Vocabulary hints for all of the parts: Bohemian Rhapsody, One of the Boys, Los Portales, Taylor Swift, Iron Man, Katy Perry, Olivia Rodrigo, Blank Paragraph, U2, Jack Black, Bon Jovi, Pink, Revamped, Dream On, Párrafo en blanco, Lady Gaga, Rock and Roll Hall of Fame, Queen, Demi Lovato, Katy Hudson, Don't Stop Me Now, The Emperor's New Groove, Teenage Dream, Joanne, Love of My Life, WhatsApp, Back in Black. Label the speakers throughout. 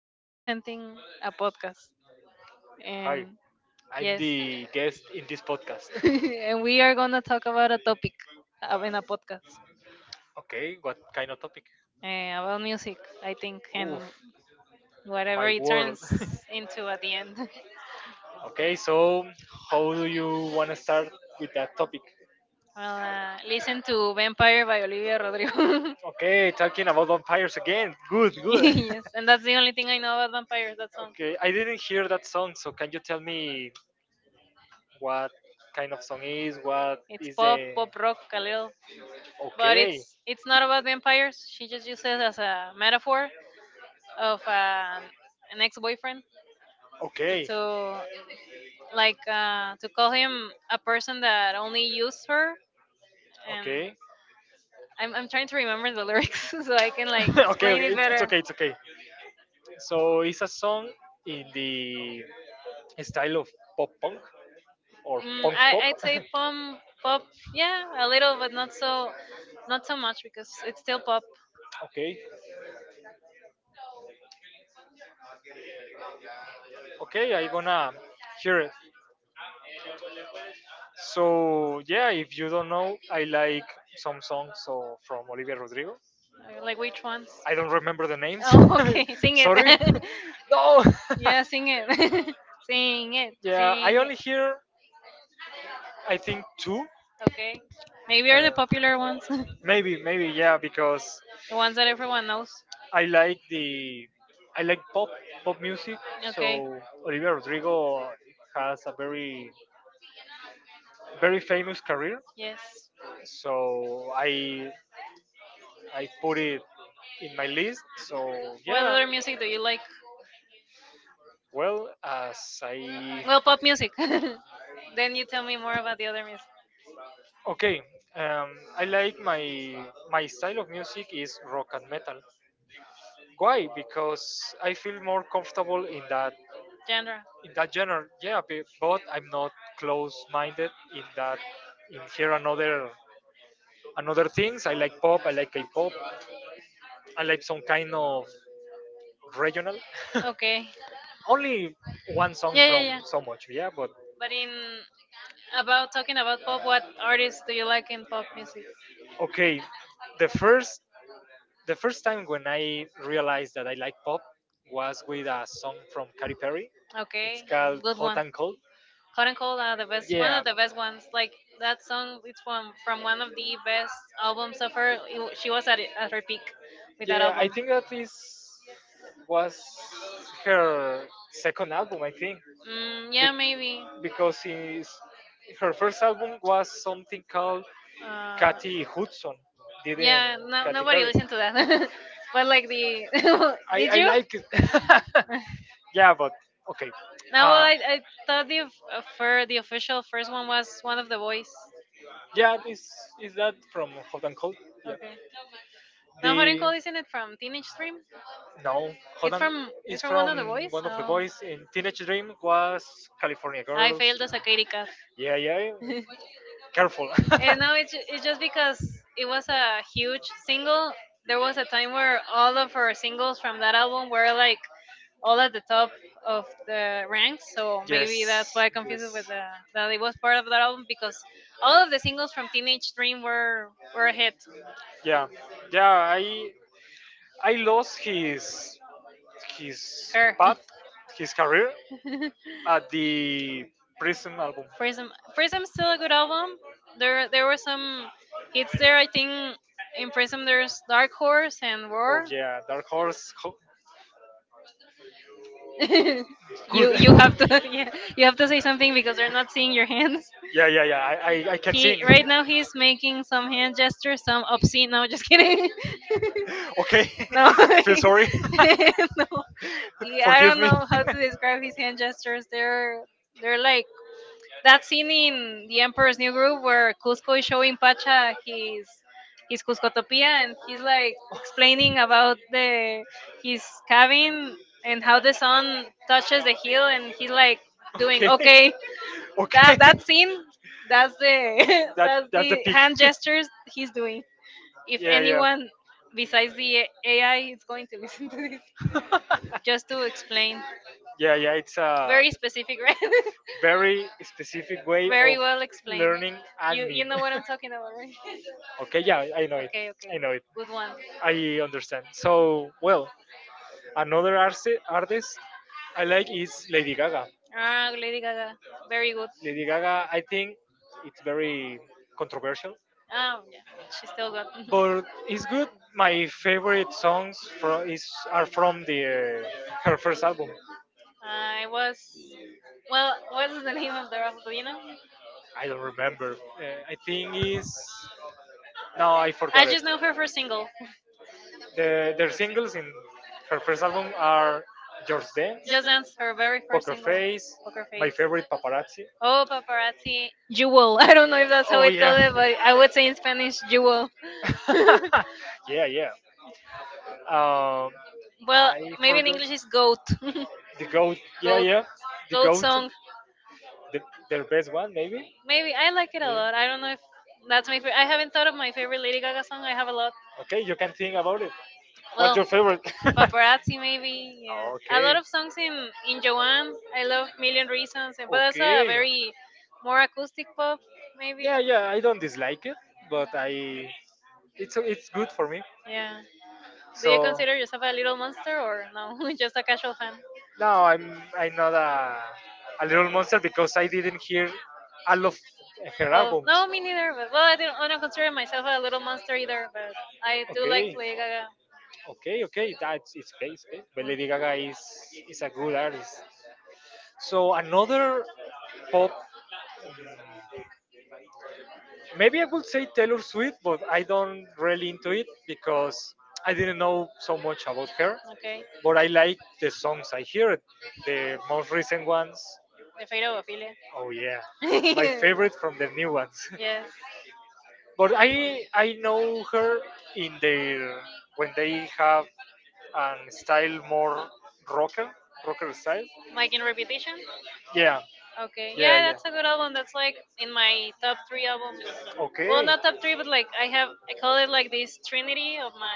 Speaker 1: I am presenting a podcast,
Speaker 2: Hi,
Speaker 1: and
Speaker 2: I'm
Speaker 1: yes,
Speaker 2: the guest in this podcast.
Speaker 1: and we are gonna talk about a topic in a podcast
Speaker 2: Okay, what kind of topic?
Speaker 1: about music, I think, and
Speaker 2: Oof,
Speaker 1: whatever
Speaker 2: my
Speaker 1: it
Speaker 2: world.
Speaker 1: turns into at the end.
Speaker 2: Okay, so how do you want to start with that topic?
Speaker 1: Well, listen to Vampire by Olivia Rodrigo.
Speaker 2: Okay, talking about vampires again. Good, good.
Speaker 1: Yes, and that's the only thing I know about vampires. That song.
Speaker 2: Okay, I didn't hear that song, so can you tell me what kind of song is? What
Speaker 1: It's
Speaker 2: is
Speaker 1: pop,
Speaker 2: the?
Speaker 1: pop rock, a little. but
Speaker 2: Okay,
Speaker 1: it's it's not about vampires. She just uses it as a metaphor of an ex-boyfriend
Speaker 2: okay,
Speaker 1: to
Speaker 2: okay.
Speaker 1: to call him a person that only used her. And I'm trying to remember the lyrics so I can like
Speaker 2: Okay, okay.
Speaker 1: explain it
Speaker 2: It's
Speaker 1: better.
Speaker 2: okay, it's okay. So it's a song in the style of pop punk or
Speaker 1: Mm,
Speaker 2: punk
Speaker 1: I
Speaker 2: pop.
Speaker 1: I'd say pop pop yeah a little but not so not so much because it's still pop.
Speaker 2: Okay, okay, I gonna hear it. So yeah, if you don't know, I like some songs so from Olivia Rodrigo.
Speaker 1: Like which ones?
Speaker 2: I don't remember the names.
Speaker 1: Oh
Speaker 2: Okay, sing
Speaker 1: okay, sing
Speaker 2: it.
Speaker 1: it.
Speaker 2: Sorry. No.
Speaker 1: Yeah, sing it. Sing it.
Speaker 2: Yeah, I
Speaker 1: Sing.
Speaker 2: only hear I think two. Okay.
Speaker 1: Okay.
Speaker 2: Maybe
Speaker 1: Maybe are
Speaker 2: are
Speaker 1: the
Speaker 2: the popular
Speaker 1: popular ones,
Speaker 2: ones. Maybe, yeah, because
Speaker 1: the ones that everyone knows.
Speaker 2: I like the I like pop music.
Speaker 1: Okay.
Speaker 2: So Olivia Rodrigo has a very very famous career.
Speaker 1: Yes.
Speaker 2: So I put it in my list. So
Speaker 1: What
Speaker 2: yeah.
Speaker 1: other music do you like?
Speaker 2: Well, as I.
Speaker 1: Well, pop music. Then you tell me more about the other music
Speaker 2: Okay, um, I like my style of music is rock and metal. Why? Because I feel more comfortable in that
Speaker 1: genre.
Speaker 2: in that genre. Yeah, but I'm not close-minded in that in here another things. I like pop. I like K-pop. I like some kind of regional.
Speaker 1: Okay.
Speaker 2: Only one song
Speaker 1: Yeah, yeah,
Speaker 2: from
Speaker 1: yeah.
Speaker 2: so much, yeah. But
Speaker 1: But in about talking about pop, what artists do you like in pop music?
Speaker 2: okay, the first the first time when I realized that I like pop was with a song from Katy Perry. It's
Speaker 1: Okay,
Speaker 2: called
Speaker 1: good
Speaker 2: Hot
Speaker 1: one.
Speaker 2: and Cold.
Speaker 1: Hot and Cold are the best, one
Speaker 2: Yeah,
Speaker 1: of the best ones. Like that song, it's from one of the best albums of her. She was at it, at her peak with that
Speaker 2: yeah. I
Speaker 1: album.
Speaker 2: think that is was her second album. I think
Speaker 1: Mm,
Speaker 2: be-
Speaker 1: yeah, maybe.
Speaker 2: because her first album was something called
Speaker 1: Uh,
Speaker 2: Katy Hudson, didn't
Speaker 1: yeah, no,
Speaker 2: Katy
Speaker 1: nobody
Speaker 2: Perry.
Speaker 1: listened to that. But like
Speaker 2: I,
Speaker 1: did
Speaker 2: I
Speaker 1: you?
Speaker 2: like it. Yeah, but okay.
Speaker 1: No, well,
Speaker 2: Uh,
Speaker 1: I thought the official first one was One of the Boys.
Speaker 2: yeah, is that from Hot and Cold? Yeah.
Speaker 1: Okay. Now, Hot and
Speaker 2: The
Speaker 1: Cold, isn't it from Teenage Dream?
Speaker 2: No,
Speaker 1: It's
Speaker 2: Hodan
Speaker 1: from
Speaker 2: is
Speaker 1: it's from One of
Speaker 2: from
Speaker 1: the Boys.
Speaker 2: one of the
Speaker 1: So.
Speaker 2: boys. In Teenage Dream was California
Speaker 1: I
Speaker 2: Girls.
Speaker 1: failed the a.
Speaker 2: Yeah, yeah, yeah. Careful. Yes.
Speaker 1: And no, it's just because it was a huge single. There was a time where all of her singles from that album were like all at the top of the ranks. So
Speaker 2: Yes.
Speaker 1: maybe that's why I confused it with that it was part of that album because all of the singles from Teenage Dream were a hit.
Speaker 2: Yeah, yeah. I lost his
Speaker 1: Her.
Speaker 2: path, his career at the Prism album.
Speaker 1: Prism still a good album. There were some hits there. I think in Prism there's Dark Horse and Roar.
Speaker 2: Yeah, Dark Horse,
Speaker 1: you you
Speaker 2: good.
Speaker 1: have to yeah, you have to say something because they're not seeing your hands.
Speaker 2: Yeah, yeah, yeah. I can sing.
Speaker 1: He right now he's making some hand gestures, some obscene. No, just kidding.
Speaker 2: Okay.
Speaker 1: No,
Speaker 2: Feel sorry. Yeah,
Speaker 1: no.
Speaker 2: I.
Speaker 1: Yeah, I don't know how to describe his hand gestures. They're like that scene in The Emperor's New Groove where Cusco is showing Pacha his Cuscotopia, and he's like explaining about the his cabin and how the sun touches the hill, and he's like doing okay, that that scene, that's the that's the hand gestures he's doing if anyone besides the AI is going to listen to this
Speaker 2: Anyone,
Speaker 1: just to explain.
Speaker 2: yeah, yeah. It's
Speaker 1: Very specific, right?
Speaker 2: very specific way of
Speaker 1: Very well explained.
Speaker 2: learning
Speaker 1: You
Speaker 2: admin.
Speaker 1: know what I'm talking about, right?
Speaker 2: Okay, yeah, I know it.
Speaker 1: Okay,
Speaker 2: I
Speaker 1: okay.
Speaker 2: know it.
Speaker 1: Good one.
Speaker 2: I understand. So, well, another artist I like is Lady Gaga.
Speaker 1: Ah, Lady Gaga. Very good.
Speaker 2: Lady Gaga, I think it's very controversial,
Speaker 1: Yeah, she's still good.
Speaker 2: but it's good. My favorite songs from is are from the her first album.
Speaker 1: I was well. What is the name of the rapper? Do you know?
Speaker 2: I don't remember. I think is. No, I
Speaker 1: I
Speaker 2: forgot it.
Speaker 1: just know her first single.
Speaker 2: Their singles in her first album are Just Dance,
Speaker 1: Just Dance, her very first
Speaker 2: Poker
Speaker 1: single.
Speaker 2: Face,
Speaker 1: Poker
Speaker 2: My
Speaker 1: Face.
Speaker 2: Favorite Paparazzi.
Speaker 1: Oh, paparazzi jewel. I don't know if that's how
Speaker 2: Oh,
Speaker 1: it
Speaker 2: yeah.
Speaker 1: called it, but I would say in Spanish jewel.
Speaker 2: Yeah, yeah. Um,
Speaker 1: Well,
Speaker 2: I
Speaker 1: maybe in
Speaker 2: forgot.
Speaker 1: English it's goat.
Speaker 2: The goat. Yeah, yeah. The
Speaker 1: Goat song.
Speaker 2: The, their best one, maybe? Maybe.
Speaker 1: Maybe I like it
Speaker 2: A.
Speaker 1: a lot. I don't know if that's my favorite. I haven't thought of my favorite Lady Gaga song. I have a lot.
Speaker 2: Okay, you can think about
Speaker 1: Well,
Speaker 2: it. Favorite?
Speaker 1: paparazzi maybe. Yeah, a
Speaker 2: A,
Speaker 1: lot of songs in Joanne. I love Million Reasons, eh, but that's a very more acoustic pop maybe.
Speaker 2: yeah, I don't dislike it, but I it's good for me.
Speaker 1: Yeah.
Speaker 2: Do you.
Speaker 1: Yeah. Do you consider yourself a little monster or no? Just a casual fan?
Speaker 2: No, I'm not a little monster because I didn't hear all of her
Speaker 1: Oh
Speaker 2: albums.
Speaker 1: no, me neither. But well, I don't consider myself a little monster either. But I do like
Speaker 2: Okay,
Speaker 1: Lady Gaga.
Speaker 2: okay, okay. That's It's okay, it's okay. But Lady Gaga
Speaker 1: Mm.
Speaker 2: is a good artist. So another pop. Maybe I would say Taylor Swift, but I don't really into it because I didn't know so much about her.
Speaker 1: Okay,
Speaker 2: But I like the songs I hear, the most recent ones.
Speaker 1: the fate of Ophelia.
Speaker 2: Oh yeah, my favorite from the new ones.
Speaker 1: Yes,
Speaker 2: But I know her in their when they have and style more rocker, rocker style.
Speaker 1: like in Reputation.
Speaker 2: Yeah, okay.
Speaker 1: Okay,
Speaker 2: Yeah,
Speaker 1: yeah,
Speaker 2: yeah.
Speaker 1: that's a good album. That's like in my top three albums.
Speaker 2: Well,
Speaker 1: Well,
Speaker 2: okay,
Speaker 1: not top three, but like I have, I call it like this trinity of my.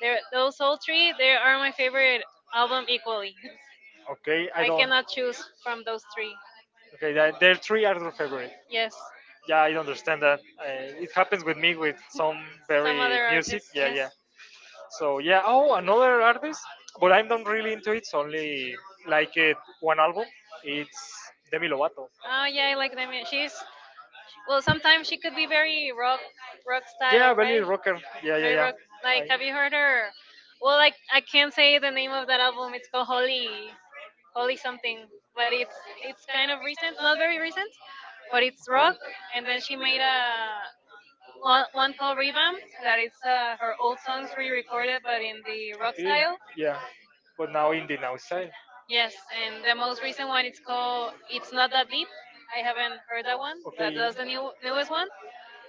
Speaker 1: There, those all three, they are my favorite album equally.
Speaker 2: okay. I
Speaker 1: I
Speaker 2: don't.
Speaker 1: cannot choose from those three.
Speaker 2: Okay, there their three are their favorite.
Speaker 1: Yes.
Speaker 2: Yeah, I understand that. It happens with me with some
Speaker 1: Some
Speaker 2: very
Speaker 1: other
Speaker 2: music.
Speaker 1: artists,
Speaker 2: Yeah,
Speaker 1: yes.
Speaker 2: yeah. So yeah, oh, another artist, but I'm not really into it. So only like it one album. It's Demi Lovato.
Speaker 1: Oh yeah, I like them. Yeah. She's well. Sometimes she could be very rock, rock style, right?
Speaker 2: Rocker. Yeah,
Speaker 1: Very
Speaker 2: yeah,
Speaker 1: rock. Like,
Speaker 2: I,
Speaker 1: have you heard her? Well, like I can't say the name of that album. It's called Holly, Holly something. But it's kind of recent, not very recent, but it's rock. And then she made a one, one called Revamped that it's her old songs re-recorded, but in the rock
Speaker 2: okay.
Speaker 1: style.
Speaker 2: Yeah. But now in the now style.
Speaker 1: Yes, and the most recent one it's called "It's Not That Deep." I haven't heard that one, but that's the new newest one.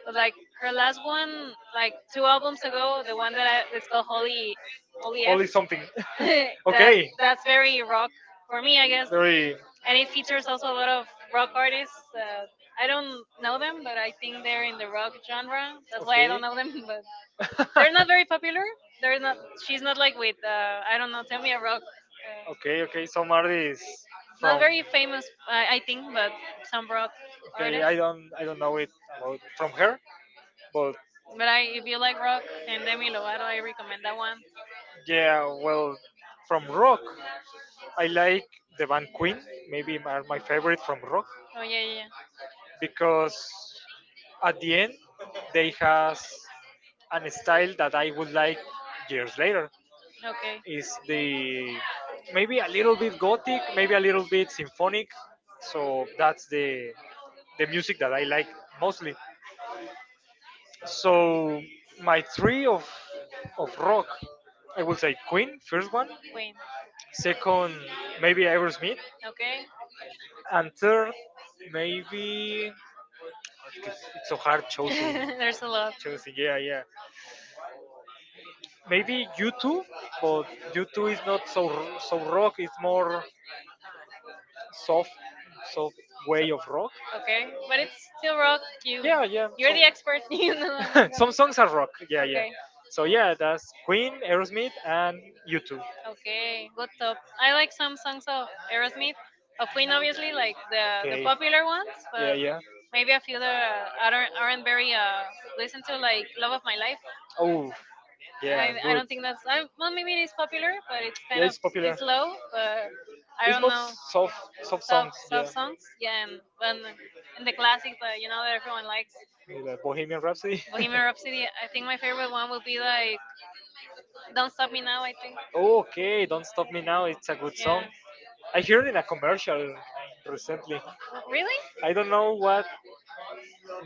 Speaker 1: But like her last one, like two albums ago, the one that's called "Holy Holy F," Holy
Speaker 2: Something.
Speaker 1: something. That that's very rock for me, I guess.
Speaker 2: Very.
Speaker 1: And it features also a lot of rock artists. I don't know them, but I think they're in the rock genre. That's why I
Speaker 2: They're.
Speaker 1: don't know them. But they're not very popular. They're not. She's not like with. I don't know. Tell me a rock. uh,
Speaker 2: Okay, okay. So Marty is
Speaker 1: Not
Speaker 2: not from.
Speaker 1: very famous, I think, but some rock
Speaker 2: Okay, I
Speaker 1: artists.
Speaker 2: artists. Don't I don't know it about from her, but
Speaker 1: But I, if you like rock and Demi Lovato, I recommend that one.
Speaker 2: yeah, well, from rock, I like the band Queen. Maybe are my favorite from rock
Speaker 1: Oh yeah, yeah,
Speaker 2: because at the end they has an style that I would like years later.
Speaker 1: yeah. Okay,
Speaker 2: Is the maybe a little bit gothic, maybe a little bit symphonic. So that's the music that I like mostly. So my three of rock, I would say Queen first one,
Speaker 1: Queen.
Speaker 2: second maybe Aerosmith, and third maybe it's so hard
Speaker 1: Okay,
Speaker 2: choosing
Speaker 1: there's a lot.
Speaker 2: choosing yeah, yeah, maybe U2, but U2 is not so rock. It's more soft soft way of rock.
Speaker 1: Okay, but it's still rock. You,
Speaker 2: Yeah, yeah.
Speaker 1: you're the expert. You know.
Speaker 2: Some songs are rock. Yeah, yeah.
Speaker 1: Okay,
Speaker 2: So yeah, that's Queen, Aerosmith, and U2.
Speaker 1: okay, good top. I like some songs of Aerosmith, of Queen, obviously, like the
Speaker 2: Okay.
Speaker 1: popular ones,
Speaker 2: Yeah,
Speaker 1: but
Speaker 2: yeah.
Speaker 1: maybe a few that aren't very listened to, like Love of My Life.
Speaker 2: Oh, yeah, I
Speaker 1: I
Speaker 2: good. Don't
Speaker 1: don't
Speaker 2: think
Speaker 1: think
Speaker 2: that's
Speaker 1: that's
Speaker 2: not.
Speaker 1: I,
Speaker 2: Well,
Speaker 1: well maybe
Speaker 2: maybe
Speaker 1: it
Speaker 2: it's
Speaker 1: is
Speaker 2: popular,
Speaker 1: popular,
Speaker 2: but
Speaker 1: but
Speaker 2: it's
Speaker 1: it's
Speaker 2: kind. Yeah,
Speaker 1: kind
Speaker 2: of
Speaker 1: of
Speaker 2: it's popular.
Speaker 1: it's
Speaker 2: It's low.
Speaker 1: low.
Speaker 2: But
Speaker 1: But
Speaker 2: I.
Speaker 1: I
Speaker 2: It's don't
Speaker 1: don't
Speaker 2: not
Speaker 1: know
Speaker 2: know soft, soft. Soft,
Speaker 1: sub
Speaker 2: songs. Soft,
Speaker 1: sub
Speaker 2: yeah, songs,
Speaker 1: songs.
Speaker 2: yeah,
Speaker 1: Yeah,
Speaker 2: and
Speaker 1: and,
Speaker 2: the
Speaker 1: and the
Speaker 2: the classic
Speaker 1: classics
Speaker 2: that
Speaker 1: that you
Speaker 2: you
Speaker 1: know
Speaker 2: know that
Speaker 1: that everyone
Speaker 2: everyone likes.
Speaker 1: likes,
Speaker 2: The Bohemian Rhapsody.
Speaker 1: Bohemian
Speaker 2: Bohemian Rhapsody.
Speaker 1: Rhapsody.
Speaker 2: I
Speaker 1: I
Speaker 2: think
Speaker 1: think my
Speaker 2: my favorite
Speaker 1: favorite
Speaker 2: one
Speaker 1: one would
Speaker 2: would be
Speaker 1: be
Speaker 2: like
Speaker 1: like Don't
Speaker 2: Don't Stop
Speaker 1: Stop
Speaker 2: Me
Speaker 1: Me
Speaker 2: Now.
Speaker 1: Now.
Speaker 2: I
Speaker 1: I think.
Speaker 2: think. Okay, don't stop me now. It's a good song.
Speaker 1: Yeah.
Speaker 2: I heard in a commercial recently.
Speaker 1: W- Really?
Speaker 2: I don't know what.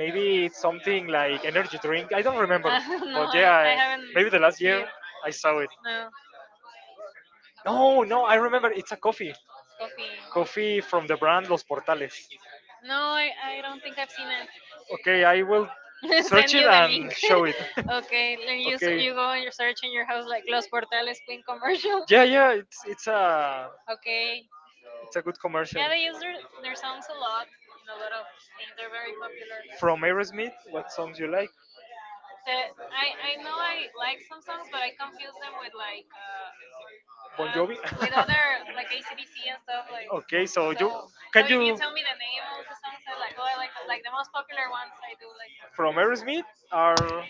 Speaker 2: Maybe it's something like energy drink. I don't remember. Ah.
Speaker 1: no,
Speaker 2: But yeah,
Speaker 1: I
Speaker 2: yeah.
Speaker 1: haven't
Speaker 2: Maybe the last
Speaker 1: seen
Speaker 2: year
Speaker 1: it.
Speaker 2: I saw it.
Speaker 1: No,
Speaker 2: No, no, I remember. It's a coffee.
Speaker 1: coffee.
Speaker 2: Coffee from the brand Los Portales.
Speaker 1: No, I
Speaker 2: No.
Speaker 1: don't think I've seen it.
Speaker 2: Okay, I will
Speaker 1: Search. Send
Speaker 2: search it
Speaker 1: you the link.
Speaker 2: and show it.
Speaker 1: Okay, then
Speaker 2: Okay.
Speaker 1: you go and you search in your house like Los Portales Queen commercial.
Speaker 2: Yeah, yeah, it's it's a
Speaker 1: Okay.
Speaker 2: it's a good commercial.
Speaker 1: Yeah, they use their songs a lot in a lot of things. They're very popular.
Speaker 2: From Aerosmith, what songs you like?
Speaker 1: The- I know I like some songs, but I confuse them
Speaker 2: Bon
Speaker 1: uh,
Speaker 2: Jovi.
Speaker 1: with other like ACDC and stuff like.
Speaker 2: Okay, so you
Speaker 1: So
Speaker 2: so
Speaker 1: so
Speaker 2: can
Speaker 1: if you
Speaker 2: you
Speaker 1: tell me the name of the songs, I'm like oh I like the most popular ones I do like. Them.
Speaker 2: from Aerosmith are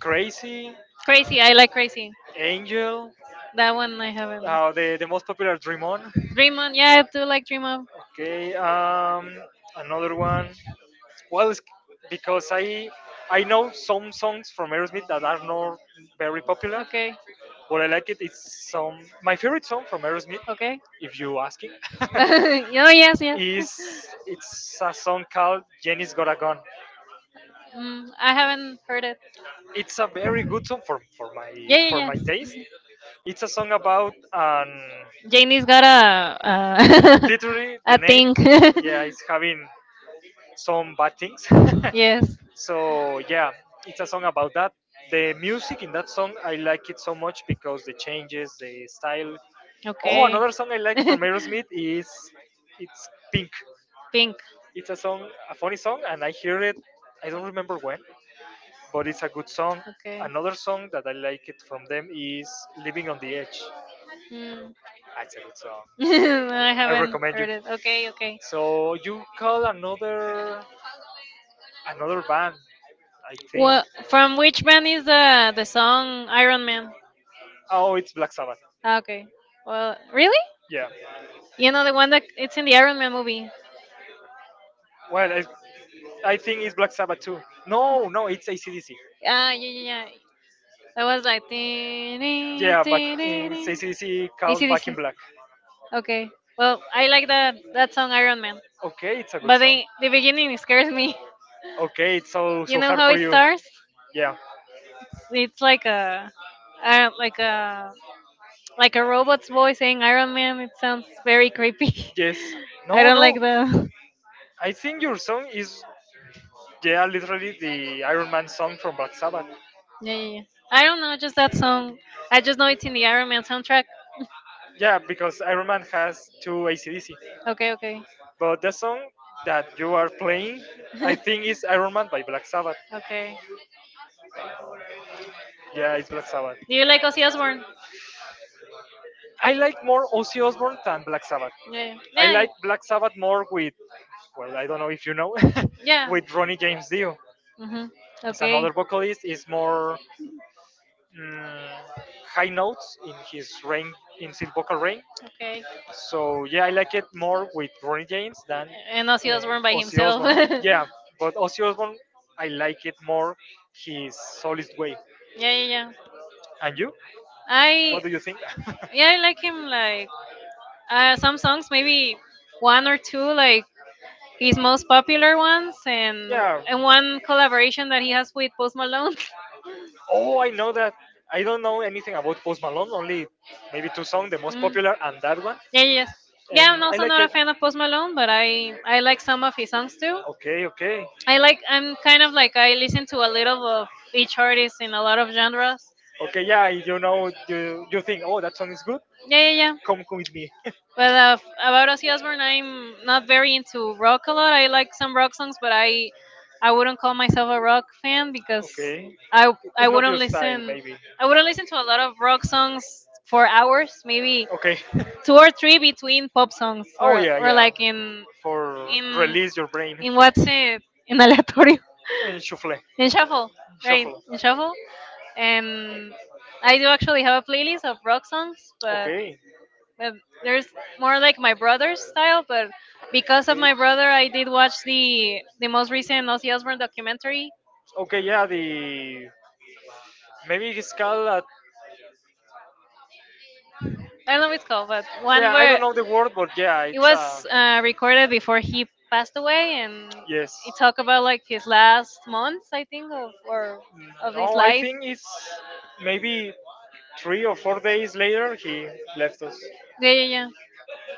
Speaker 2: Crazy,
Speaker 1: Crazy, I like Crazy.
Speaker 2: Angel,
Speaker 1: That one I
Speaker 2: that.
Speaker 1: haven't.
Speaker 2: The most popular Dream On.
Speaker 1: Dream On, yeah I do like Dream On.
Speaker 2: Okay, another one. Well, it's because I know some songs from Aerosmith that are not very popular,
Speaker 1: Okay.
Speaker 2: but I like it. It's some my favorite song from Aerosmith,
Speaker 1: Okay.
Speaker 2: if you asking.
Speaker 1: Oh yes, yes.
Speaker 2: Is, it's a song called Jenny's got a Gun.
Speaker 1: Mm, I haven't heard it.
Speaker 2: It's a very good song
Speaker 1: Yeah,
Speaker 2: for
Speaker 1: yeah,
Speaker 2: my taste.
Speaker 1: yes.
Speaker 2: It's a song about
Speaker 1: Janie's got a
Speaker 2: literally the
Speaker 1: a
Speaker 2: name.
Speaker 1: thing.
Speaker 2: Yeah, it's having some bad things.
Speaker 1: Yes.
Speaker 2: So yeah, it's a song about that. The music in that song I like it so much because the changes, the style. Oh,
Speaker 1: Okay.
Speaker 2: another song I like from Aerosmith is it's Pink.
Speaker 1: Pink.
Speaker 2: It's a song, a funny song, and I hear it. I don't remember when, but it's a good song.
Speaker 1: Okay.
Speaker 2: Another song that I like it from them is Living on the Edge.
Speaker 1: Hmm.
Speaker 2: That's a good song.
Speaker 1: I
Speaker 2: I
Speaker 1: haven't
Speaker 2: recommend you.
Speaker 1: heard it. Okay. Okay.
Speaker 2: So you call another band, I think.
Speaker 1: Well, from which band is the song Iron Man?
Speaker 2: Oh, it's Black Sabbath.
Speaker 1: Ah, okay. Well, really?
Speaker 2: Yeah.
Speaker 1: You know the one that it's in the Iron Man movie.
Speaker 2: Well, I think it's Black Sabbath too. No, no, it's AC/DC.
Speaker 1: Ah, yeah, yeah, yeah. That was like. "Dee, dee,
Speaker 2: Yeah,
Speaker 1: dee, dee,
Speaker 2: it's
Speaker 1: dee."
Speaker 2: AC/DC called Back in
Speaker 1: AC/DC.
Speaker 2: Black.
Speaker 1: Okay. Well, I like that that song Iron Man,
Speaker 2: Okay, it's a good.
Speaker 1: but the beginning scares me.
Speaker 2: Okay, it's so
Speaker 1: You
Speaker 2: so
Speaker 1: know
Speaker 2: hard
Speaker 1: how
Speaker 2: for
Speaker 1: it
Speaker 2: you.
Speaker 1: starts?
Speaker 2: Yeah.
Speaker 1: It's like a, like a like a robot's voice saying Iron Man. It sounds very creepy.
Speaker 2: Yes.
Speaker 1: I
Speaker 2: No,
Speaker 1: don't
Speaker 2: no.
Speaker 1: like that.
Speaker 2: I think your song is yeah, literally the Iron Man song from Black Sabbath.
Speaker 1: Yeah, yeah, yeah. I don't know, just that song. I just know it's in the Iron Man soundtrack.
Speaker 2: Yeah, because Iron Man has two AC/DC.
Speaker 1: Okay, okay.
Speaker 2: But the song that you are playing, I think is Iron Man by Black Sabbath.
Speaker 1: okay.
Speaker 2: Yeah, it's Black Sabbath.
Speaker 1: Do you like Ozzy Osbourne?
Speaker 2: I like more Ozzy Osbourne than Black Sabbath.
Speaker 1: Yeah,
Speaker 2: I
Speaker 1: yeah.
Speaker 2: like Black Sabbath more with, well, I don't know if you know,
Speaker 1: Yeah. Yeah.
Speaker 2: with Ronnie James Dio.
Speaker 1: Hmm.
Speaker 2: He's
Speaker 1: Okay.
Speaker 2: another vocalist. He's more mm, high notes in his range, in his vocal range.
Speaker 1: Okay.
Speaker 2: So yeah, I like it more with Ronnie James than.
Speaker 1: And
Speaker 2: And Ozzy
Speaker 1: Ozzy Osbourne by
Speaker 2: Ozzy
Speaker 1: himself.
Speaker 2: Osbourne. Yeah,
Speaker 1: Yeah,
Speaker 2: but Ozzy Osbourne, I like it more his solid way.
Speaker 1: yeah, yeah.
Speaker 2: And you?
Speaker 1: I
Speaker 2: What do you think? Yeah.
Speaker 1: yeah, I like him like some songs, maybe one or two, like his most popular ones,
Speaker 2: Yeah.
Speaker 1: and one collaboration that he has with Post Malone.
Speaker 2: Oh, I know that. I don't know anything about Post Malone. Only maybe two songs, the most
Speaker 1: Mm.
Speaker 2: popular and that one.
Speaker 1: Yeah, yeah, yes.
Speaker 2: And.
Speaker 1: Yeah,
Speaker 2: Yeah,
Speaker 1: I'm
Speaker 2: I no,
Speaker 1: also
Speaker 2: like
Speaker 1: not
Speaker 2: no,
Speaker 1: a
Speaker 2: it.
Speaker 1: fan of Post Malone, but I like some of his songs too.
Speaker 2: Okay, okay,
Speaker 1: I like I'm kind of like I listen to a little of each artist in a lot of genres.
Speaker 2: okay. Yeah, you think, oh, that song is good.
Speaker 1: Yeah, yeah, yeah.
Speaker 2: Come with me. I.
Speaker 1: But about Ozzy Osbourne, I'm not very into rock a lot. I like some rock songs, but I wouldn't call myself a rock fan because
Speaker 2: Okay.
Speaker 1: I I wouldn't listen
Speaker 2: Maybe. I.
Speaker 1: I wouldn't listen to a lot of rock songs for hours. Maybe
Speaker 2: Okay.
Speaker 1: two or three between pop songs
Speaker 2: Oh
Speaker 1: or
Speaker 2: yeah,
Speaker 1: or like
Speaker 2: for
Speaker 1: in
Speaker 2: your brain
Speaker 1: in what's it in aleatorio,
Speaker 2: and shuffle, I.
Speaker 1: in shuffle, right, in shuffle. And I do actually have a playlist of rock songs, but
Speaker 2: Okay.
Speaker 1: but there's more like my brother's style. But because of my brother, I did watch the most recent Ozzy Osbourne documentary.
Speaker 2: Okay. Yeah. The maybe it's called. A,
Speaker 1: I don't know what it's called, but one where
Speaker 2: the word, but yeah,
Speaker 1: it was
Speaker 2: a,
Speaker 1: recorded before he passed away, and
Speaker 2: yes.
Speaker 1: it talked about like his last months, I think, of or of his life.
Speaker 2: It's maybe 3 or 4 days later he left us.
Speaker 1: Yeah, yeah, yeah.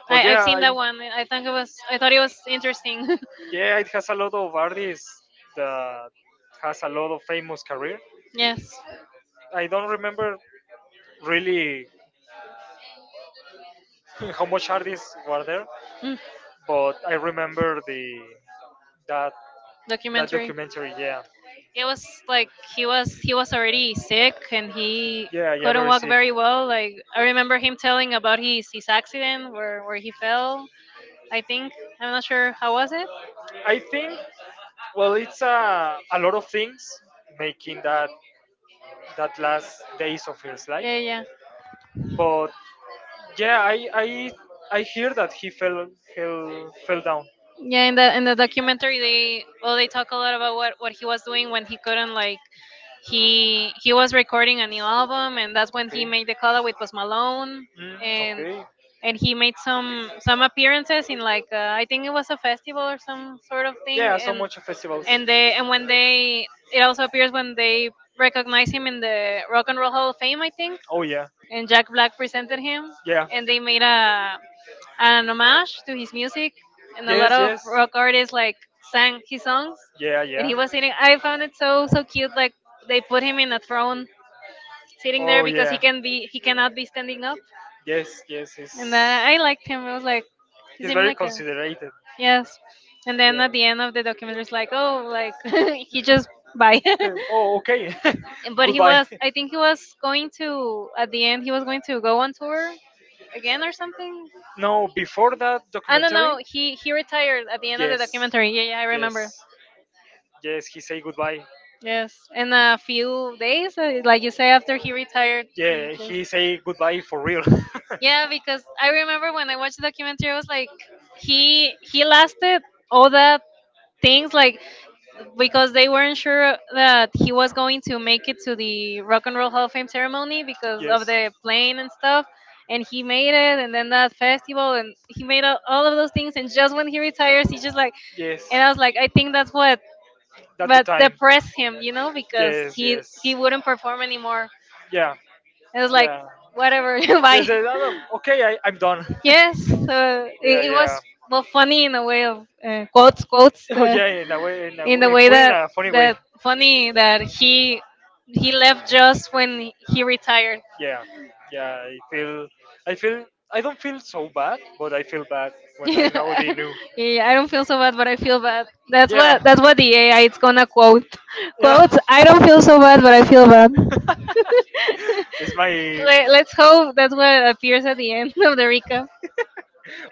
Speaker 2: But
Speaker 1: I,
Speaker 2: yeah,
Speaker 1: I've seen that one. I think it was. I thought it was interesting.
Speaker 2: yeah, it has a lot of artists that has a lot of famous career.
Speaker 1: Yes.
Speaker 2: I don't remember really how much artists were there,
Speaker 1: Mm.
Speaker 2: but I remember the that that
Speaker 1: Documentary.
Speaker 2: documentary. Yeah,
Speaker 1: It was like he was already sick, and he
Speaker 2: yeah, yeah,
Speaker 1: couldn't
Speaker 2: very
Speaker 1: walk
Speaker 2: sick.
Speaker 1: very well. Like I remember him telling about his accident where he fell. I think I'm not sure how was it.
Speaker 2: I think, well, it's a lot of things making that last days of his
Speaker 1: Yeah,
Speaker 2: life.
Speaker 1: yeah, yeah.
Speaker 2: But yeah, I hear that he fell down.
Speaker 1: Yeah, in the documentary, they, well, they talk a lot about what he was doing when he couldn't, like he was recording a new album, and that's when he
Speaker 2: Okay.
Speaker 1: made the collab with Post Malone.
Speaker 2: Mm,
Speaker 1: and
Speaker 2: okay.
Speaker 1: and he made some appearances in, like, I think it was a festival or some sort of thing.
Speaker 2: Yeah, so
Speaker 1: and
Speaker 2: much of festivals.
Speaker 1: and they, and when they, it also appears when they recognize him in the Rock and Roll Hall of Fame, I think,
Speaker 2: Oh yeah,
Speaker 1: and Jack Black presented him,
Speaker 2: yeah.
Speaker 1: and they made a an homage to his music, and a lot
Speaker 2: Yes,
Speaker 1: of
Speaker 2: yes.
Speaker 1: rock artists, like, sang his songs.
Speaker 2: Yeah,
Speaker 1: And
Speaker 2: yeah.
Speaker 1: he was sitting. I found it so so cute. Like, they put him in a throne, sitting there
Speaker 2: Oh
Speaker 1: because he
Speaker 2: yeah.
Speaker 1: can be, he cannot be standing up.
Speaker 2: Yes, yes. He's
Speaker 1: And that I liked him. It was like he
Speaker 2: he's
Speaker 1: seemed
Speaker 2: very
Speaker 1: like a,
Speaker 2: considerate.
Speaker 1: yes. And then at the end of the documentary, it's like, oh, like he just bye.
Speaker 2: Oh, okay.
Speaker 1: And- but He
Speaker 2: But
Speaker 1: was,
Speaker 2: he.
Speaker 1: I think, he was going to, at the end he was going to go on tour again or something.
Speaker 2: No, before that
Speaker 1: I
Speaker 2: I
Speaker 1: don't know.
Speaker 2: don't.
Speaker 1: He retired at the end of the documentary. Yeah, yeah, I remember.
Speaker 2: Yes, he say goodbye.
Speaker 1: Yes, in a few days, like you say, after he retired, he
Speaker 2: Yeah,
Speaker 1: just,
Speaker 2: he say goodbye for real. Yeah,
Speaker 1: yeah. Because I remember when I watched the documentary, I was like, he lasted all that things, like, because they weren't sure that he was going to make it to the Rock and Roll Hall of Fame ceremony because of the plane and stuff, and he made it, and then that festival, and he made all of those things, and just when he retires he just like,
Speaker 2: yes,
Speaker 1: and I was like, I think that's what
Speaker 2: at.
Speaker 1: but depressed him, you know, because he wouldn't perform anymore.
Speaker 2: Yeah,
Speaker 1: It was like,
Speaker 2: yeah.
Speaker 1: whatever,
Speaker 2: Yes,
Speaker 1: bye.
Speaker 2: yes, okay, I'm done.
Speaker 1: Yes, so
Speaker 2: Yeah,
Speaker 1: it
Speaker 2: yeah.
Speaker 1: was, well, funny in a way of, quotes quotes,
Speaker 2: Oh yeah, in a
Speaker 1: in the
Speaker 2: way,
Speaker 1: way
Speaker 2: put in
Speaker 1: that
Speaker 2: a funny way.
Speaker 1: that funny that he left just when he retired.
Speaker 2: Yeah, yeah. I feel, I don't feel so bad, but I feel bad when I
Speaker 1: Yeah,
Speaker 2: know they knew.
Speaker 1: I don't feel so bad, but I feel bad. That's
Speaker 2: Yeah.
Speaker 1: what that's what the AI it's gonna quote.
Speaker 2: Yeah.
Speaker 1: Quotes. I don't feel so bad, but I feel bad.
Speaker 2: It's my.
Speaker 1: Let's hope that's what appears at the end of the recap.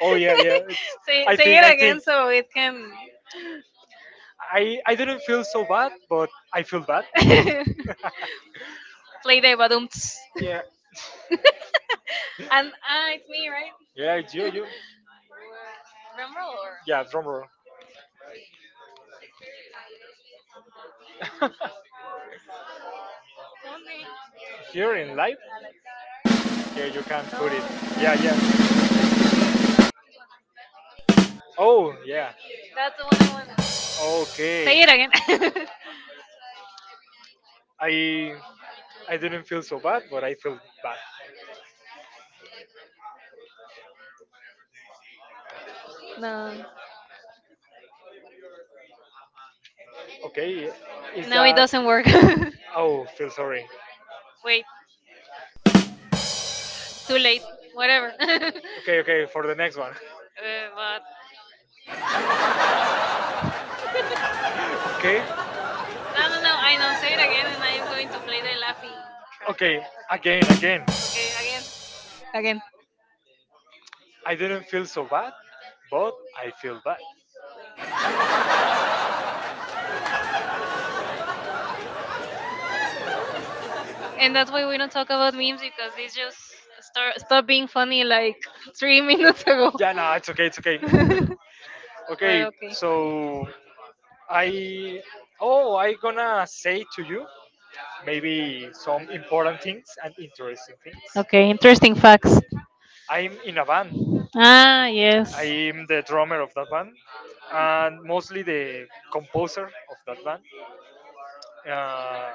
Speaker 2: Oh yeah, yeah.
Speaker 1: say,
Speaker 2: I
Speaker 1: say
Speaker 2: think I
Speaker 1: it
Speaker 2: think
Speaker 1: again so it can
Speaker 2: I didn't feel so bad, but I feel bad.
Speaker 1: play the badumts.
Speaker 2: Yeah,
Speaker 1: And ah, it's me, right?
Speaker 2: yeah. You
Speaker 1: Drum roll or
Speaker 2: yeah. Drum roll. here in live,
Speaker 1: no? That's, is it- that's
Speaker 2: Here you can
Speaker 1: not it.
Speaker 2: put it. Yeah, yeah.
Speaker 1: No, it's this
Speaker 2: Oh yeah.
Speaker 1: one. That's the one I want.
Speaker 2: Okay.
Speaker 1: Say it again.
Speaker 2: I I didn't feel so bad, but I feel bad.
Speaker 1: No,
Speaker 2: Okay. Is
Speaker 1: no, it
Speaker 2: that?
Speaker 1: doesn't work.
Speaker 2: Oh, feel sorry.
Speaker 1: Wait, too late. Whatever.
Speaker 2: Okay, okay. For the next one.
Speaker 1: But
Speaker 2: Okay.
Speaker 1: No, no, no. I know.
Speaker 2: It's
Speaker 1: Say it again, and I am going to play the laughing track.
Speaker 2: okay. Again, again.
Speaker 1: Okay, again, again.
Speaker 2: I didn't feel so bad, but I feel bad.
Speaker 1: And that's why we don't talk about memes because they just start stop being funny like 3 minutes ago.
Speaker 2: Yeah, no, it's okay. It's okay.
Speaker 1: Okay. But
Speaker 2: Okay.
Speaker 1: okay.
Speaker 2: So I. Oh, I gonna say to you maybe some important things and interesting things.
Speaker 1: Okay, interesting facts.
Speaker 2: I'm in a band.
Speaker 1: Ah, yes.
Speaker 2: I'm the drummer of that band and mostly the composer of that band. Uh,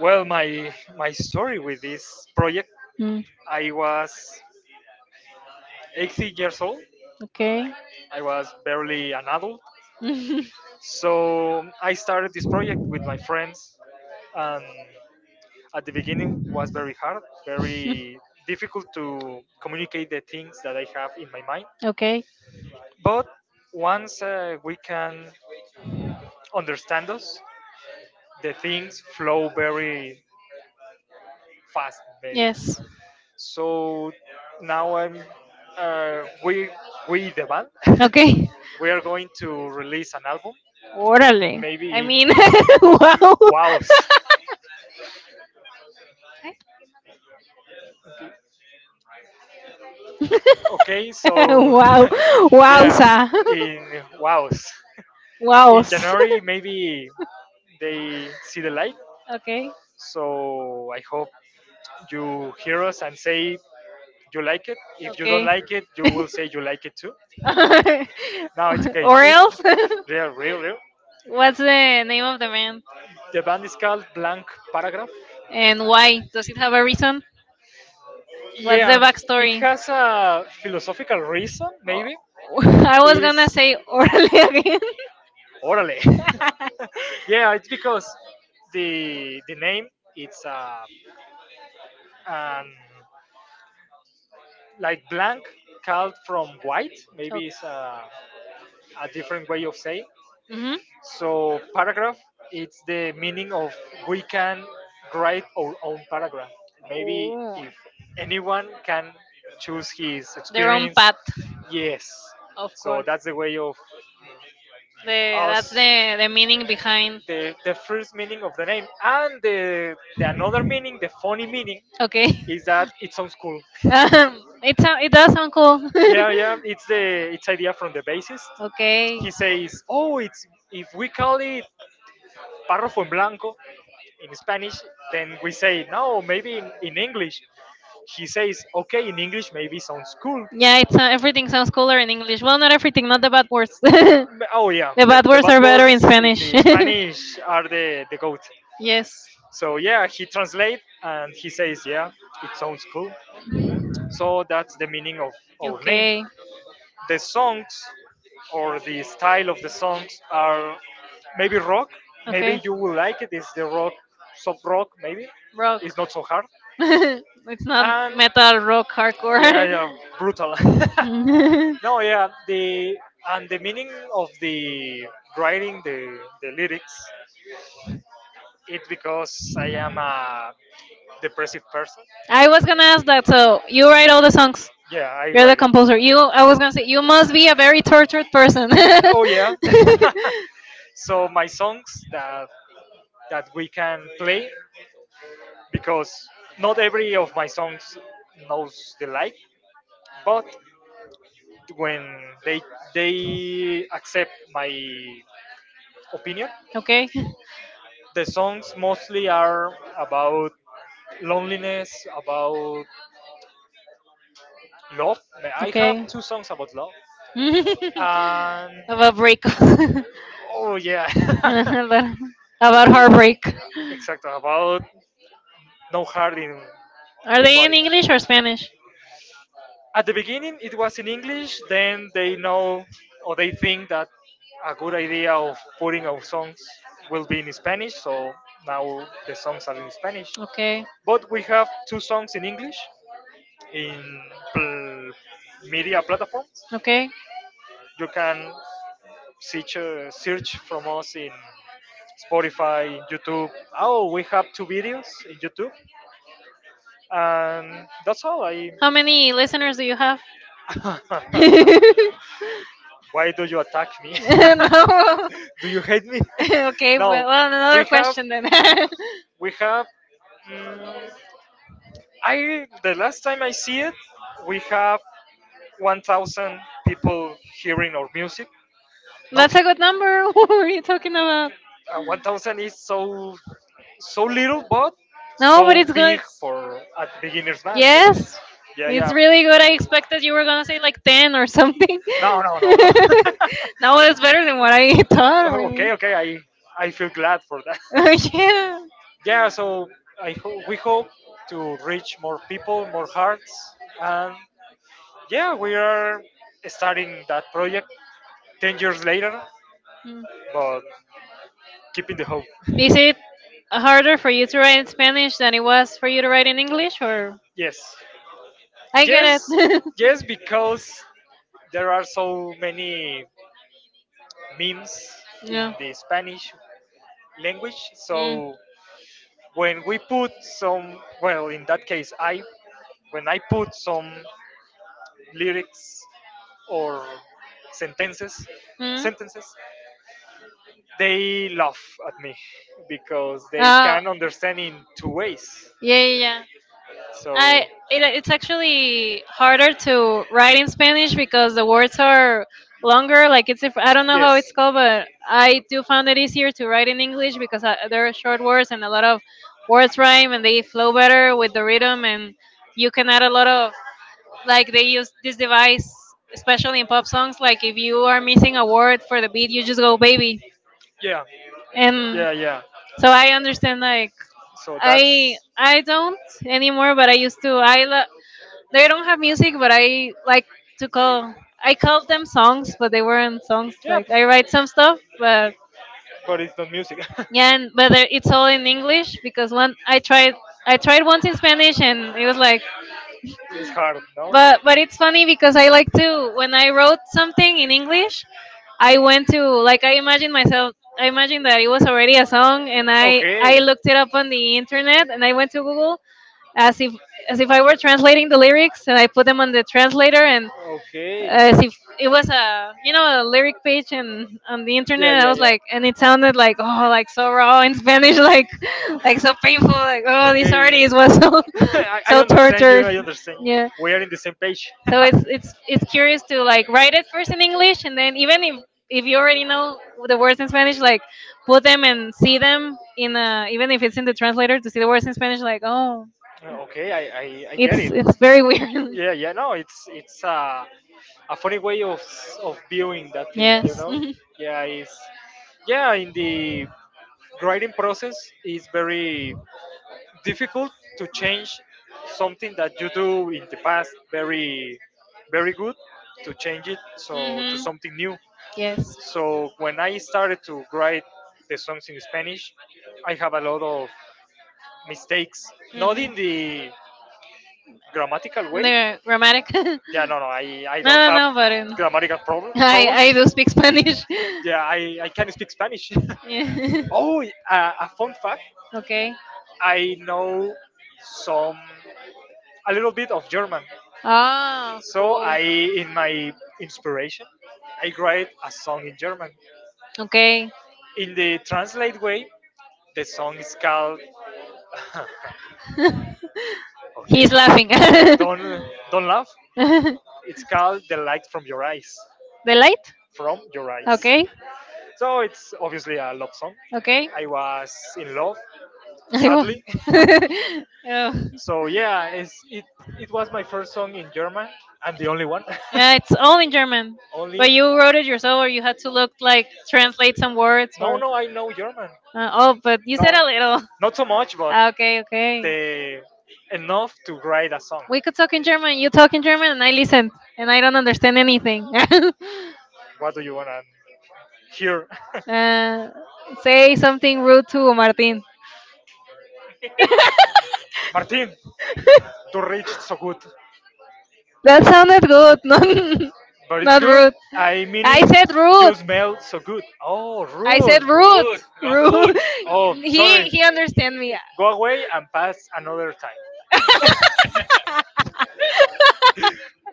Speaker 2: well, my story with this project,
Speaker 1: Mm,
Speaker 2: I was 18 years old.
Speaker 1: okay.
Speaker 2: I was barely an adult,
Speaker 1: at
Speaker 2: so I started this project with my friends, and at the beginning was very hard, very difficult to communicate the things that I have in my mind.
Speaker 1: Okay.
Speaker 2: But once we can understand us, the things flow very fast, maybe.
Speaker 1: Yes.
Speaker 2: So now I'm uh, we we the band
Speaker 1: Okay.
Speaker 2: we are going to release an album,
Speaker 1: Orale. I
Speaker 2: maybe
Speaker 1: mean, wow.
Speaker 2: wows. Okay, so
Speaker 1: Wow. Wowza.
Speaker 2: yeah, in wows. In
Speaker 1: Wows.
Speaker 2: January, maybe they see the light.
Speaker 1: Okay.
Speaker 2: So I hope you hear us and say you like it. If you don't
Speaker 1: Okay.
Speaker 2: like it, you will say you like it too. Now it's okay. For
Speaker 1: Or
Speaker 2: real?
Speaker 1: else?
Speaker 2: Yeah, real, real.
Speaker 1: What's the name of the band?
Speaker 2: The band is called Blank Paragraph.
Speaker 1: And why? Does it have a reason? What's the
Speaker 2: Yeah, yeah, it
Speaker 1: backstory?
Speaker 2: has a philosophical reason,
Speaker 1: Oh,
Speaker 2: maybe.
Speaker 1: I was
Speaker 2: Is
Speaker 1: gonna say orally again.
Speaker 2: orally. Yeah, it's because the name it's an like blank called from white. Maybe
Speaker 1: Okay.
Speaker 2: it's a different way of saying.
Speaker 1: Mhm. Oh,
Speaker 2: So paragraph it's the meaning of we can write our own paragraph. Maybe if anyone can choose his
Speaker 1: their own
Speaker 2: experience,
Speaker 1: path,
Speaker 2: yes.
Speaker 1: of
Speaker 2: So
Speaker 1: course.
Speaker 2: that's the way of
Speaker 1: The, that's
Speaker 2: us,
Speaker 1: the meaning behind.
Speaker 2: the first meaning of the name, and the another meaning, the funny meaning,
Speaker 1: Okay.
Speaker 2: is that it sounds cool.
Speaker 1: It, sou- it does sound cool.
Speaker 2: Yeah, yeah, it's idea from the bassist.
Speaker 1: Okay.
Speaker 2: He says, "Oh, it's if we call it Párrafo en blanco in Spanish, then we say, no, maybe in English." He says, okay, in English maybe sounds cool.
Speaker 1: Yeah, it's, everything sounds cooler in English. Well, not everything, not the bad words.
Speaker 2: Oh, yeah,
Speaker 1: The
Speaker 2: the,
Speaker 1: bad
Speaker 2: the
Speaker 1: words
Speaker 2: bad
Speaker 1: are better
Speaker 2: words
Speaker 1: in
Speaker 2: in
Speaker 1: Spanish.
Speaker 2: the Spanish are the goat.
Speaker 1: Yes.
Speaker 2: So, yeah, he translates and he says, yeah, it sounds cool. So, that's the meaning of our name.
Speaker 1: Okay.
Speaker 2: The songs or the style of the songs are maybe rock.
Speaker 1: Okay.
Speaker 2: Maybe you will like it. It's the rock, soft rock, maybe.
Speaker 1: Rock.
Speaker 2: It's not so hard.
Speaker 1: It's not
Speaker 2: And
Speaker 1: metal, rock,
Speaker 2: yeah,
Speaker 1: hardcore.
Speaker 2: yeah, brutal. No, yeah, the and the meaning of the writing, the lyrics, it's because I am a depressive person.
Speaker 1: I was gonna ask that. So you write all the songs.
Speaker 2: Yeah, I
Speaker 1: You're the
Speaker 2: write.
Speaker 1: composer. You. I was gonna say you must be a very tortured person.
Speaker 2: Oh yeah. So my songs that we can play, because not every of my songs knows the light, but when they they accept my opinion,
Speaker 1: Okay.
Speaker 2: the songs mostly are about loneliness, about love. I have
Speaker 1: Okay.
Speaker 2: two songs about love. And
Speaker 1: About break.
Speaker 2: oh yeah,
Speaker 1: about, about heartbreak.
Speaker 2: exactly about no heart in
Speaker 1: Are
Speaker 2: in
Speaker 1: they in
Speaker 2: body.
Speaker 1: English or Spanish?
Speaker 2: At the beginning, it was in English. Then they know or they think that a good idea of putting our songs will be in Spanish. So now the songs are in Spanish.
Speaker 1: Okay.
Speaker 2: But we have two songs in English in pl- media platforms.
Speaker 1: Okay.
Speaker 2: You can search from us in Spotify, in YouTube. Oh, we have two videos in YouTube, and that's all. I.
Speaker 1: How many listeners do you have? No.
Speaker 2: Why do you attack me? Do you hate me?
Speaker 1: Okay, well,
Speaker 2: No,
Speaker 1: well,
Speaker 2: we
Speaker 1: another
Speaker 2: have.
Speaker 1: question then.
Speaker 2: We have. mm, I The last time I see it, we have 1,000 people hearing our music. Not
Speaker 1: That's a good number. What were you talking about?
Speaker 2: 1,000 is so little, but
Speaker 1: No, but
Speaker 2: so
Speaker 1: it's
Speaker 2: big
Speaker 1: good.
Speaker 2: for a beginner's man, you know?
Speaker 1: Yes,
Speaker 2: Yeah, yeah.
Speaker 1: it's really good. I expected you were gonna say like ten or something.
Speaker 2: No, no, no, no.
Speaker 1: No, it's better than what I thought.
Speaker 2: Okay,
Speaker 1: Really.
Speaker 2: okay. I feel glad for that.
Speaker 1: Yeah.
Speaker 2: Yeah. So we hope to reach more people, more hearts, and yeah, we are starting that project 10 years later,
Speaker 1: Mm.
Speaker 2: but keeping the hope.
Speaker 1: Is it harder for you to write in Spanish than it was for you to write in English? Or
Speaker 2: Yes,
Speaker 1: I get
Speaker 2: yes,
Speaker 1: it.
Speaker 2: yes, because there are so many memes in
Speaker 1: Yeah.
Speaker 2: the Spanish language.
Speaker 1: Mm.
Speaker 2: So when we put some, well, in that case, I when I put some lyrics or sentences,
Speaker 1: Mm.
Speaker 2: sentences, they laugh at me because they
Speaker 1: Uh,
Speaker 2: can understand in two ways.
Speaker 1: yeah, yeah, yeah. I
Speaker 2: So
Speaker 1: it, it's actually harder to write in Spanish because the words are longer. Like, it's, if I don't know how it's
Speaker 2: yes,
Speaker 1: called, but I do find it easier to write in English because I, there are short words, and a lot of words rhyme and they flow better with the rhythm, and you can add a lot of, like, they use this device especially in pop songs. Like, if you are missing a word for the beat, you just go baby,
Speaker 2: yeah,
Speaker 1: and
Speaker 2: yeah, yeah.
Speaker 1: so I understand like
Speaker 2: So that's
Speaker 1: I don't anymore, but I used to. I lo- they don't have music, but I like to call. I called them songs, but they weren't songs.
Speaker 2: yeah,
Speaker 1: Like, I write some stuff, but
Speaker 2: but it's not music.
Speaker 1: yeah, and but they're, it's all in English because one I tried, once in Spanish, and it was like,
Speaker 2: It's hard, no?
Speaker 1: but it's funny because I like to, when I wrote something in English, I went to, like, I imagined myself. I imagined that it was already a song, and I
Speaker 2: Okay.
Speaker 1: looked it up on the internet, and I went to Google as if, as if I were translating the lyrics, and I put them on the translator, and
Speaker 2: Okay.
Speaker 1: as if it was a, you know, a lyric page, and on the
Speaker 2: Yeah,
Speaker 1: internet I
Speaker 2: yeah,
Speaker 1: was
Speaker 2: yeah.
Speaker 1: like, and it sounded like, oh, like so raw in Spanish, like so painful, like, oh, this
Speaker 2: Okay.
Speaker 1: artist was so
Speaker 2: I
Speaker 1: so
Speaker 2: understand you. I
Speaker 1: tortured,
Speaker 2: torture. Understand.
Speaker 1: yeah.
Speaker 2: We are in the same page.
Speaker 1: So it's curious to, like, write it first in English and then, even if you already know the words in Spanish, like, put them and see them in a, even if it's in the translator, to see the words in Spanish, like, oh,
Speaker 2: Okay. I get it.
Speaker 1: it's very weird.
Speaker 2: Yeah, yeah. No, it's a funny way of of viewing that thing. You
Speaker 1: Yes.
Speaker 2: know. Yeah. It's Yeah. In the grading process is very difficult to change something that you do in the past very good to change it so to
Speaker 1: Hmm.
Speaker 2: something new.
Speaker 1: Yes.
Speaker 2: So when I started to write the songs in Spanish, I have a lot of mistakes, not in
Speaker 1: Mhm.
Speaker 2: the grammatical way.
Speaker 1: The grammatic. No,
Speaker 2: Yeah, no, no, I don't
Speaker 1: no,
Speaker 2: have
Speaker 1: no, but
Speaker 2: grammatical problem, troubles.
Speaker 1: I do speak Spanish.
Speaker 2: Yeah, I can speak Spanish.
Speaker 1: Yeah.
Speaker 2: Oh, a fun fact,
Speaker 1: Okay.
Speaker 2: I know some a little bit of German.
Speaker 1: Ah,
Speaker 2: So
Speaker 1: cool.
Speaker 2: I, in my inspiration, I write a song in German.
Speaker 1: Okay.
Speaker 2: In the translate way, the song is called. Okay.
Speaker 1: He's laughing. The
Speaker 2: Don't don't laugh. It's called "The Light from Your Eyes."
Speaker 1: light?
Speaker 2: From your eyes. Okay.
Speaker 1: Okay,
Speaker 2: So it's obviously a love song.
Speaker 1: okay.
Speaker 2: Okay. I was in love,
Speaker 1: I was.
Speaker 2: sadly.
Speaker 1: Oh.
Speaker 2: So yeah, it was my first song in German, and the only one.
Speaker 1: Yeah, it's all in German.
Speaker 2: Only.
Speaker 1: But you wrote it yourself, or you had to look, like, translate some words,
Speaker 2: No,
Speaker 1: or,
Speaker 2: no, I know German.
Speaker 1: oh, but you said
Speaker 2: not,
Speaker 1: a little.
Speaker 2: not so much, but
Speaker 1: Ah, okay, okay.
Speaker 2: the enough to write a song.
Speaker 1: We could talk in German. You talk in German, and I listen, and I don't understand anything.
Speaker 2: What do you wanna hear?
Speaker 1: uh, Say something rude to Martin.
Speaker 2: Martin, to rich, so good,
Speaker 1: That sounded good. Not,
Speaker 2: but it's
Speaker 1: not
Speaker 2: good.
Speaker 1: rude.
Speaker 2: I
Speaker 1: I
Speaker 2: meaning
Speaker 1: said
Speaker 2: you
Speaker 1: rude.
Speaker 2: smell so good. Oh,
Speaker 1: I
Speaker 2: rude.
Speaker 1: said rude.
Speaker 2: No good.
Speaker 1: Rude.
Speaker 2: Oh, sorry.
Speaker 1: He understand me.
Speaker 2: Go away and pass another time.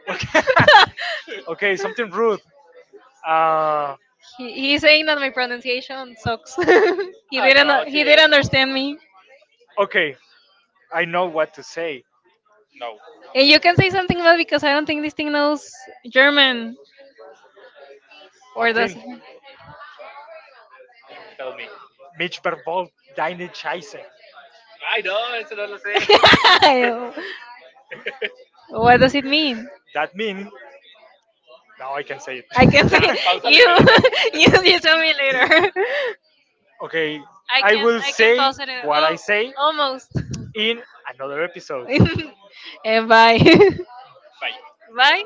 Speaker 2: Okay. Okay, something rude. Uh,
Speaker 1: He, he's saying that my pronunciation sucks. He didn't understand me.
Speaker 2: okay, I know what to say.
Speaker 1: And you can say something about, because I don't think this thing knows German, or does
Speaker 2: Martin,
Speaker 1: I
Speaker 2: tell me. Mitch Berbold, deine Scheiße. I know, eso no lo sé.
Speaker 1: thing. What does it mean?
Speaker 2: That means now I can say it.
Speaker 1: I can say you you tell me later.
Speaker 2: Okay, I will
Speaker 1: I can
Speaker 2: say
Speaker 1: pause it. In-
Speaker 2: what I
Speaker 1: well,
Speaker 2: say
Speaker 1: almost.
Speaker 2: in another episode.
Speaker 1: And bye. Bye.